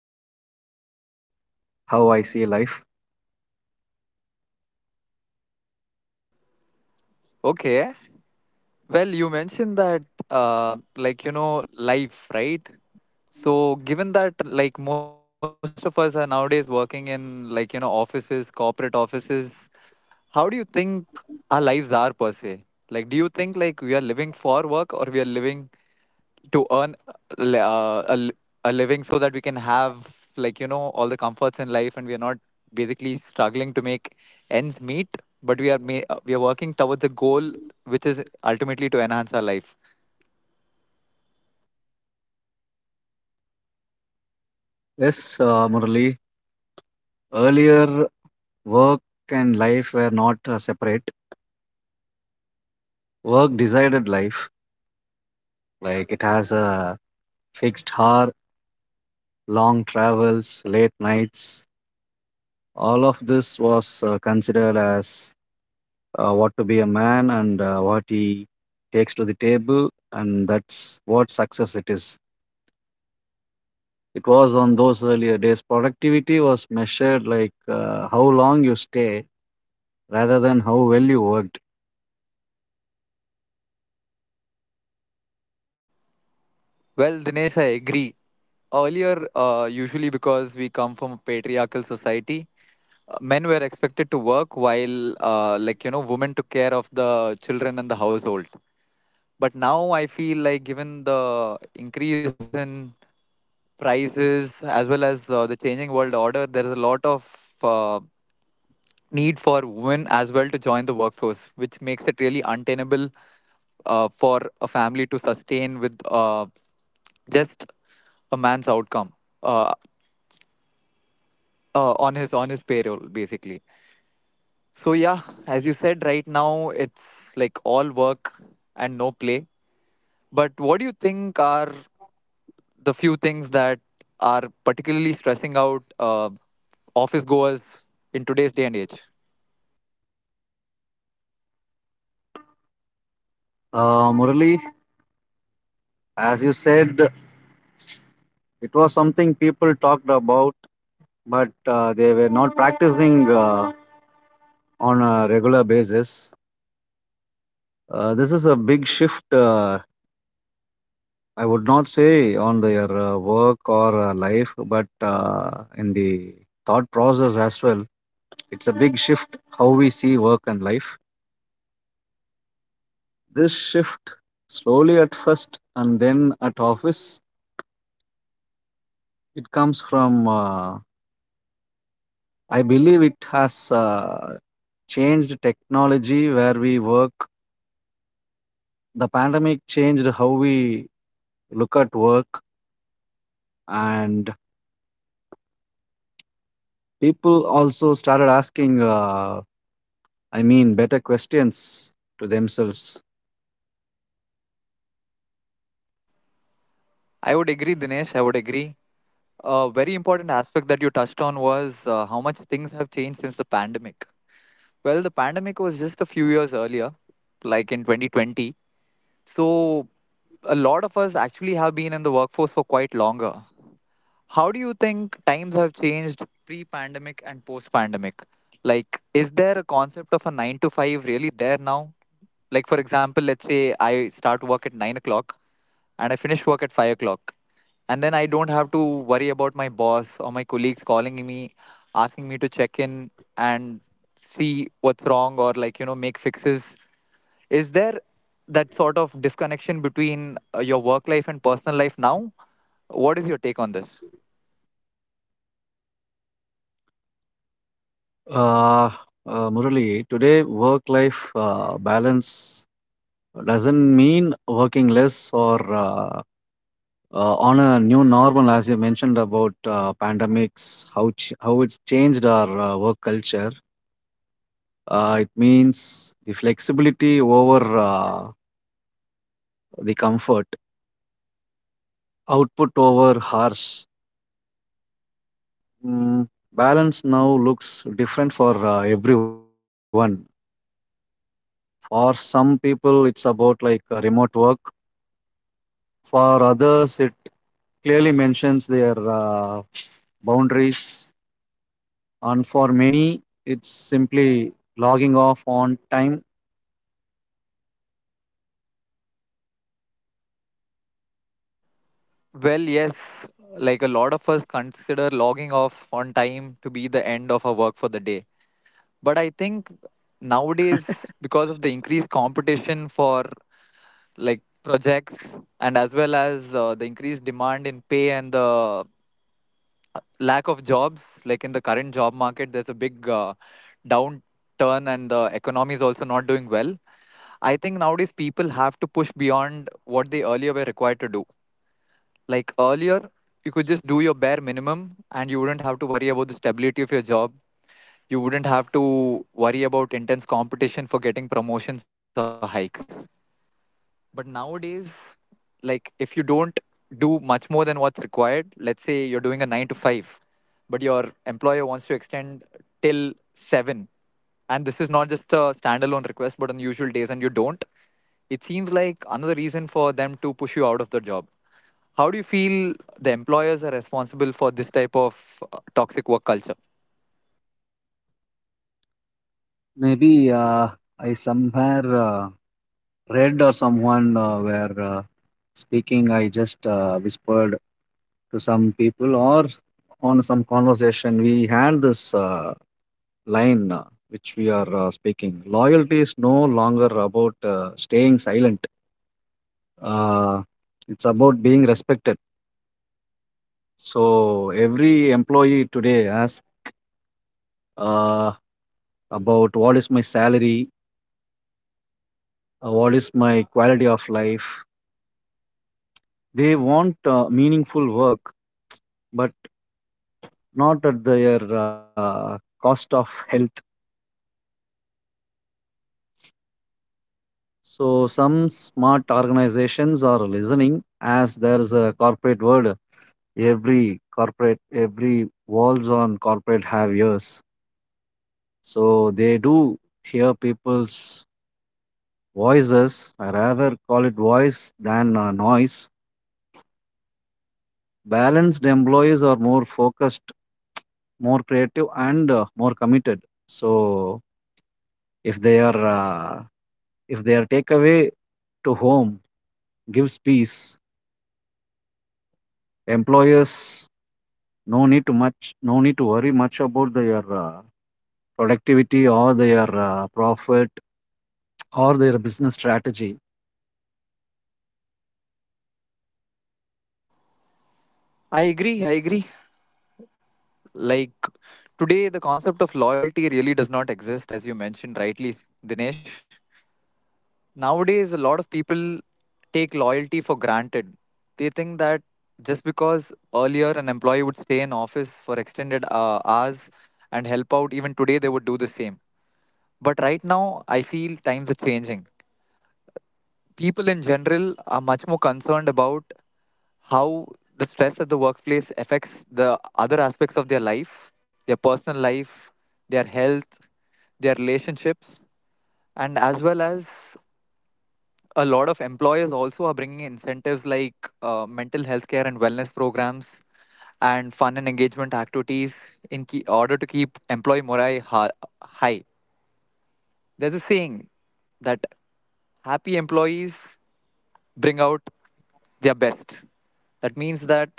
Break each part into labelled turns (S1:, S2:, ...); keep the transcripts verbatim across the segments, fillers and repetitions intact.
S1: All together uh, how I see life.
S2: Okay. Well, you mentioned that, uh, like, you know, life, right? So, given that, like, most of us are nowadays working in, like, you know, offices, corporate offices, how do you think our lives are per se? Like, do you think, like, we are living for work or we are living to earn a li- uh, a, li- a living so that we can have like you know all the comforts in life and we are not basically struggling to make ends meet but we are ma- uh, we are working towards the goal which is ultimately to enhance our life.
S1: Yes, uh, Murali. Earlier, work and life were not uh, separate. Work decided life. Like it has a fixed hour, long travels, late nights. All of this was uh, considered as uh, what to be a man and uh, what he takes to the table, and that's what success it is. It was on those earlier days. Productivity was measured like uh, how long you stay rather than how well you worked.
S2: Well, Dinesh, I agree. Earlier, uh, usually because we come from a patriarchal society, uh, men were expected to work while uh, like you know women took care of the children and the household. But now I feel like given the increase in prices as well as uh, the changing world order, there is a lot of uh, need for women as well to join the workforce, which makes it really untenable uh, for a family to sustain with uh, just a man's outcome uh, uh, on his on his payroll basically. So yeah, as you said, right now it's like all work and no play. But what do you think are the few things that are particularly stressing out uh, office goers in today's day and age?
S1: Uh, Murali, as you said, it was something people talked about, but uh, they were not practicing. Uh, on a regular basis. Uh, this is a big shift. Uh, I would not say on their uh, work or uh, life, but uh, in the thought process as well. It's a big shift how we see work and life. This shift slowly at first and then at office. It comes from. Uh, I believe it has uh, changed technology where we work. The pandemic changed how we look at work and people also started asking, uh, I mean, better questions to themselves.
S2: I would agree, Dinesh. I would agree. A very important aspect that you touched on was uh, how much things have changed since the pandemic. Well, the pandemic was just a few years earlier, like in twenty twenty. So, a lot of us actually have been in the workforce for quite longer. How do you think times have changed pre pandemic and post pandemic? Like, is there a concept of a nine to five really there now? Like, for example, let's say I start work at nine o'clock and I finish work at five o'clock, and then I don't have to worry about my boss or my colleagues calling me, asking me to check in and see what's wrong or, like, you know, make fixes. Is there that sort of disconnection between uh, your work life and personal life now? What is your take on this?
S1: Uh, uh, Murali, today work life uh, balance doesn't mean working less or uh, uh, on a new normal, as you mentioned about uh, pandemics, how, ch- how it's changed our uh, work culture. Uh, it means the flexibility over uh, the comfort, output over harsh. Mm, balance now looks different for uh, everyone. For some people, it's about like uh, remote work. For others, it clearly mentions their uh, boundaries. And for many, it's simply logging off on time.
S2: Well, yes, like a lot of us consider logging off on time to be the end of our work for the day. But I think nowadays, because of the increased competition for like projects and as well as uh, the increased demand in pay and the lack of jobs, like in the current job market, there's a big uh, downturn and the economy is also not doing well. I think nowadays people have to push beyond what they earlier were required to do. Like earlier, you could just do your bare minimum and you wouldn't have to worry about the stability of your job. You wouldn't have to worry about intense competition for getting promotions or hikes. But nowadays, like if you don't do much more than what's required, let's say you're doing a nine to five, but your employer wants to extend till seven, and this is not just a standalone request, but on usual days, and you don't, it seems like another reason for them to push you out of the job. How do you feel the employers are responsible for this type of uh, toxic work culture?
S1: Maybe uh, I somewhere uh, read or someone uh, were uh, speaking, I just uh, whispered to some people or on some conversation we had this. Uh, line uh, which we are uh, speaking. Loyalty is no longer about uh, staying silent, uh, it's about being respected. So, every employee today asks uh, about what is my salary, uh, what is my quality of life. They want uh, meaningful work, but not at their uh, cost of health. So, some smart organizations are listening, as there is a corporate world, every corporate, every walls on corporate have ears, so they do hear people's voices. I rather call it voice than uh, noise. Balanced employees are more focused, more creative and uh, more committed. So if they are uh, if their takeaway to home gives peace, employers no need to much, no need to worry much about their uh, productivity or their uh, profit. Or their business strategy.
S2: I agree. I agree. Like today, the concept of loyalty really does not exist, as you mentioned rightly, Dinesh. Nowadays, a lot of people take loyalty for granted. They think that just because earlier an employee would stay in office for extended uh, hours and help out, even today they would do the same. But right now, I feel times are changing. People in general are much more concerned about how the stress at the workplace affects the other aspects of their life, their personal life, their health, their relationships, and as well as a lot of employers also are bringing incentives like uh, mental health care and wellness programs and fun and engagement activities in key, order to keep employee morale ha- high. There's a saying that happy employees bring out their best. That means that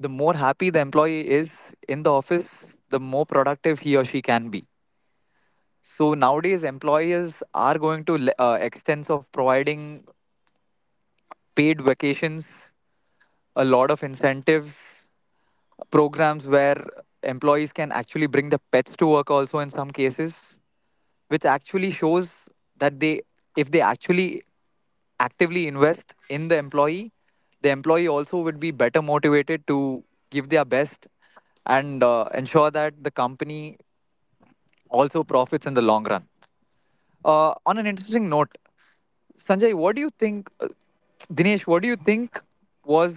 S2: the more happy the employee is in the office, the more productive he or she can be. So nowadays, employers are going to le- uh, extents of providing paid vacations, a lot of incentives, programs where employees can actually bring the pets to work also in some cases, which actually shows that they, if they actually actively invest in the employee, the employee also would be better motivated to give their best and uh, ensure that the company also profits in the long run. Uh, on an interesting note, Sanjay, what do you think? Uh, Dinesh, what do you think was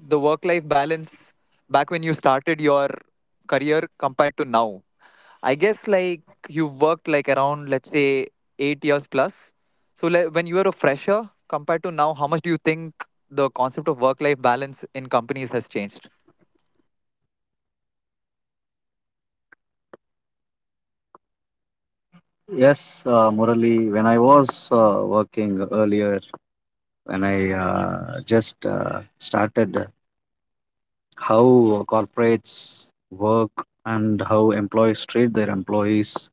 S2: the work life balance back when you started your career compared to now? I guess like you've worked like around let's say eight years plus. So like, when you were a fresher compared to now, how much do you think the concept of work-life balance in companies has changed?
S1: Yes, uh, Murali, when I was uh, working earlier, when I uh, just uh, started how corporates work and how employees treat their employees,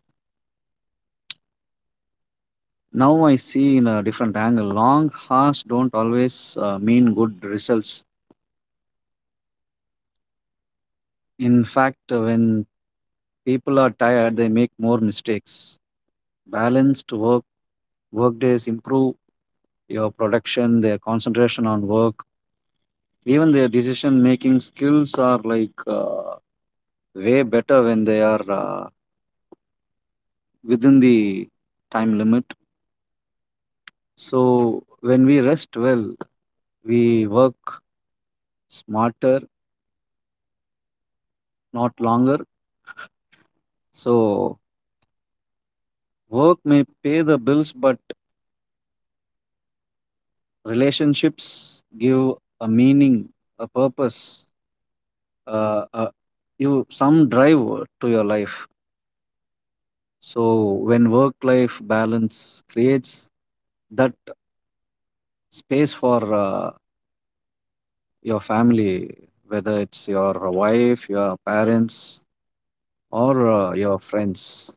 S1: now I see in a different angle. Long hours don't always uh, mean good results. In fact, uh, when people are tired, they make more mistakes. Balanced work work days improve your production, their concentration on work. Even their decision-making skills are like uh, way better when they are uh, within the time limit. So when we rest well, we work smarter, not longer. So work may pay the bills, but relationships give a meaning, a purpose, uh, uh, you some drive to your life. So when work-life balance creates that space for uh, your family, whether it's your wife, your parents, or uh, your friends.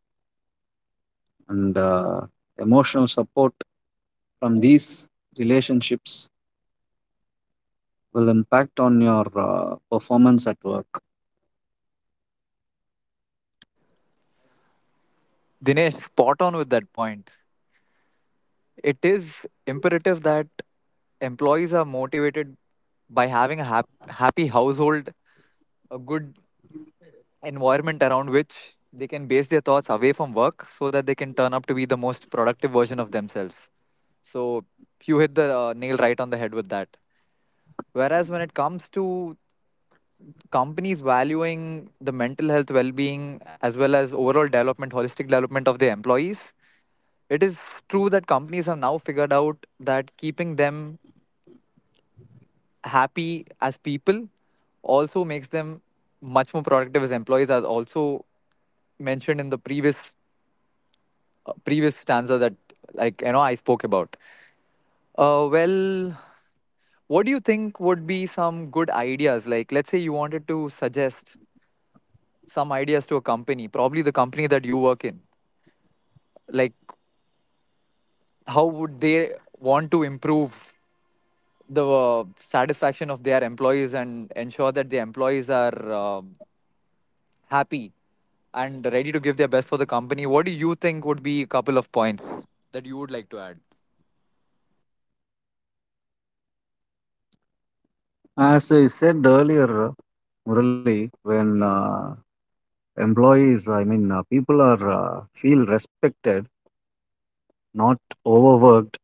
S1: And uh, emotional support from these relationships will impact on your uh, performance at work.
S2: Dinesh, spot on with that point. It is imperative that employees are motivated by having a hap- happy household, a good environment around which they can base their thoughts away from work so that they can turn up to be the most productive version of themselves. So you hit the uh, nail right on the head with that. Whereas when it comes to companies valuing the mental health well being as well as overall development, holistic development of their employees, it is true that companies have now figured out that keeping them happy as people also makes them much more productive as employees, as also mentioned in the previous uh, previous stanza that like you know I spoke about. Uh, well, what do you think would be some good ideas? Like, let's say you wanted to suggest some ideas to a company, probably the company that you work in? Like, how would they want to improve the uh, satisfaction of their employees and ensure that the employees are uh, happy and ready to give their best for the company? What do you think would be a couple of points that you would like to add?
S1: As I said earlier, Murali, when uh, employees, I mean, uh, people are uh, feel respected, not overworked,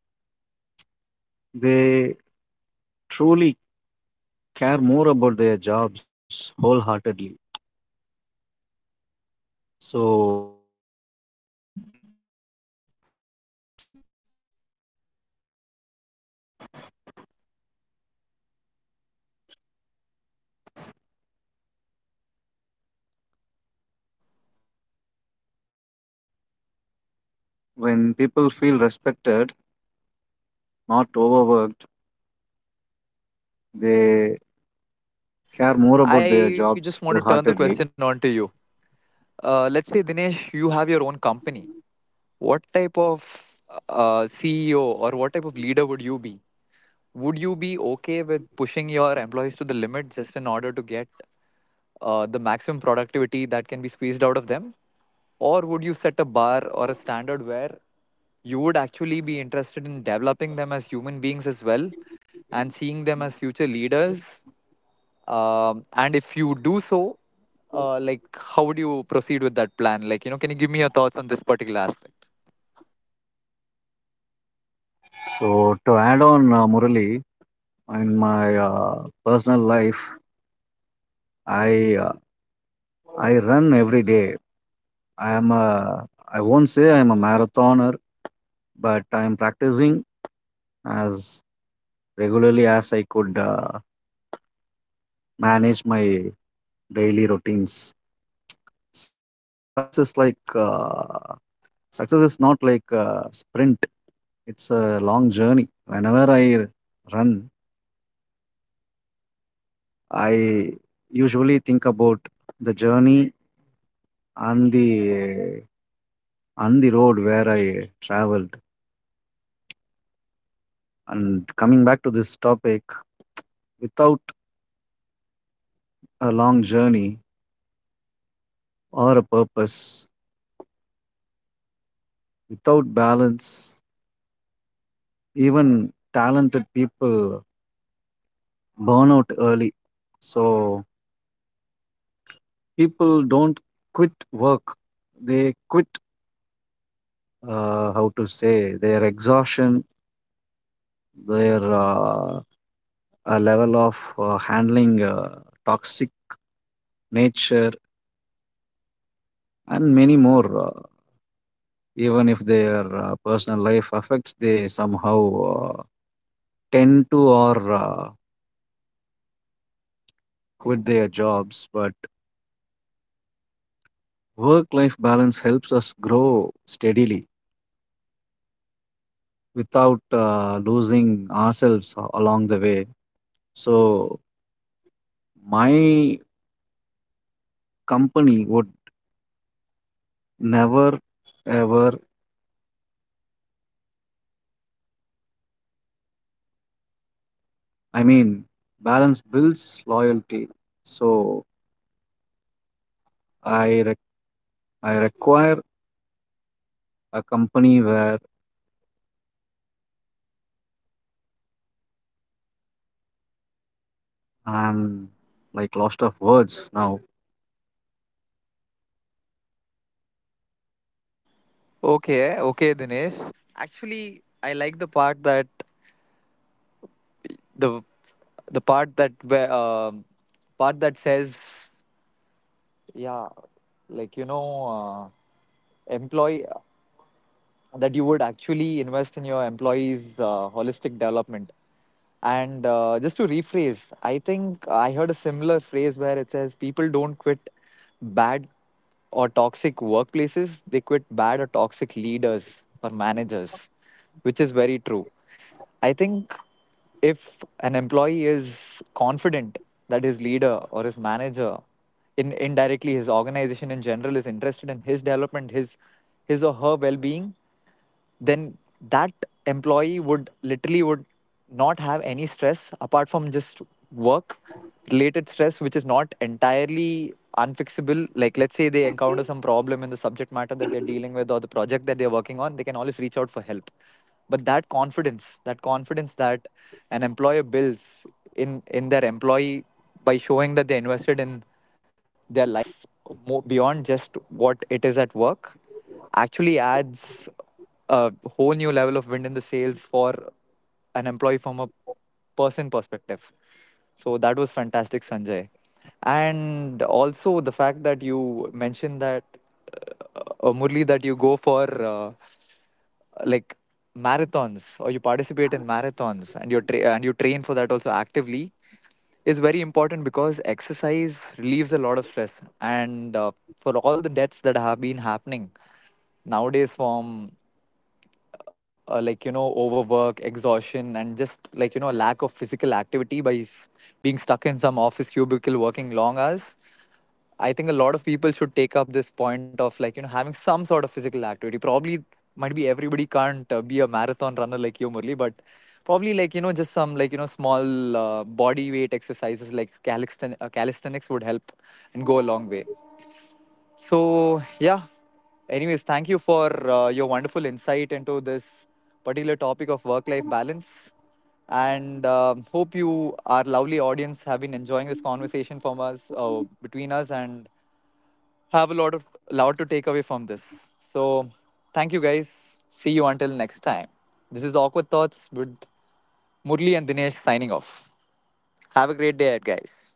S1: they truly care more about their jobs wholeheartedly. So
S2: Yes, yes. Now
S1: when
S2: that you
S1: people
S2: already
S1: feel
S2: mentioned that
S1: respected,
S2: it is critical for uh,
S1: not
S2: employers to
S1: overworked,
S2: actually think about their
S1: they
S2: employees' work life balance,
S1: care more about their
S2: I just
S1: jobs
S2: want to turn the
S1: wholeheartedly.
S2: question on to you. Uh, let's say, Dinesh, you have your own company. What type of uh, C E O or what type of leader would you be? Would you be okay with pushing your employees to the limit just in order to get uh, the maximum productivity that can be squeezed out of them? Or would you set a bar or a standard where you would actually be interested in developing them as human beings as well and seeing them as future leaders? Um, and if you do so, uh, like, how would you proceed with that plan? Like, you know, can you give me your thoughts on this particular aspect?
S1: So, to add on, uh, Murali, in my uh, personal life, I uh, I run every day. I am a I won't say I am a marathoner, but I am practicing as regularly as I could uh, manage my daily routines. Success is like uh, Success is not like a sprint. It's a long journey. Whenever I run, I usually think about the journey and the on the road where I traveled. And coming back to this topic, without a long journey or a purpose, without balance, even talented people burn out early. So people don't quit work; they quit. Uh, how to say their exhaustion, their uh, a level of uh, handling uh, toxic nature and many more. Uh, even if their uh, personal life affects, they somehow uh, tend to or uh, quit their jobs, but work life balance helps us grow steadily without uh, losing ourselves a- along the way. So my company would never ever, I mean, balance builds loyalty. So i rec- I require a company where I'm like lost of words now.
S2: Okay, okay, Dinesh. Actually, I like the part that the the part that where um, part that says, yeah, like you know, uh, employee. That you would actually invest in your employees' uh, holistic development. And uh, just to rephrase, I think I heard a similar phrase where it says people don't quit bad or toxic workplaces, they quit bad or toxic leaders or managers, which is very true. I think if an employee is confident that his leader or his manager, in indirectly his organization in general, is interested in his development, his his or her well being, then that employee would literally would not have any stress apart from just work related stress, which is not entirely unfixable, like let's say they encounter some problem in the subject matter that they're dealing with or the project that they're working on, they can always reach out for help. But that confidence, that confidence that an employer builds in in their employee by showing that they're invested in their life more beyond just what it is at work, actually adds a whole new level of wind in the sails for an employee from a person perspective. So that was fantastic, Sanjay. And also the fact that you mentioned that, uh, uh, Murli, that you go for. Uh, like marathons or you participate in marathons and you tra- and you train for that also actively is very important because exercise relieves a lot of stress and uh, for all the deaths that have been happening nowadays from uh, like you know overwork exhaustion and just like you know lack of physical activity by s- being stuck in some office cubicle working long hours. I think a lot of people should take up this point of like, you know, having some sort of physical activity. Probably might be everybody can't uh, be a marathon runner like you, Murli, but probably like, you know, just some like, you know, small uh, body weight exercises like calisten- uh, calisthenics would help and go a long way. So, yeah. Anyways, thank you for uh, your wonderful insight into this particular topic of work life balance. And um, hope you, our lovely audience, have been enjoying this conversation from us, uh, between us, and have a lot of lot to take away from this. So thank you guys. See you until next time. This is Awkward Thoughts with Murli and Dinesh signing off. Have a great day, guys.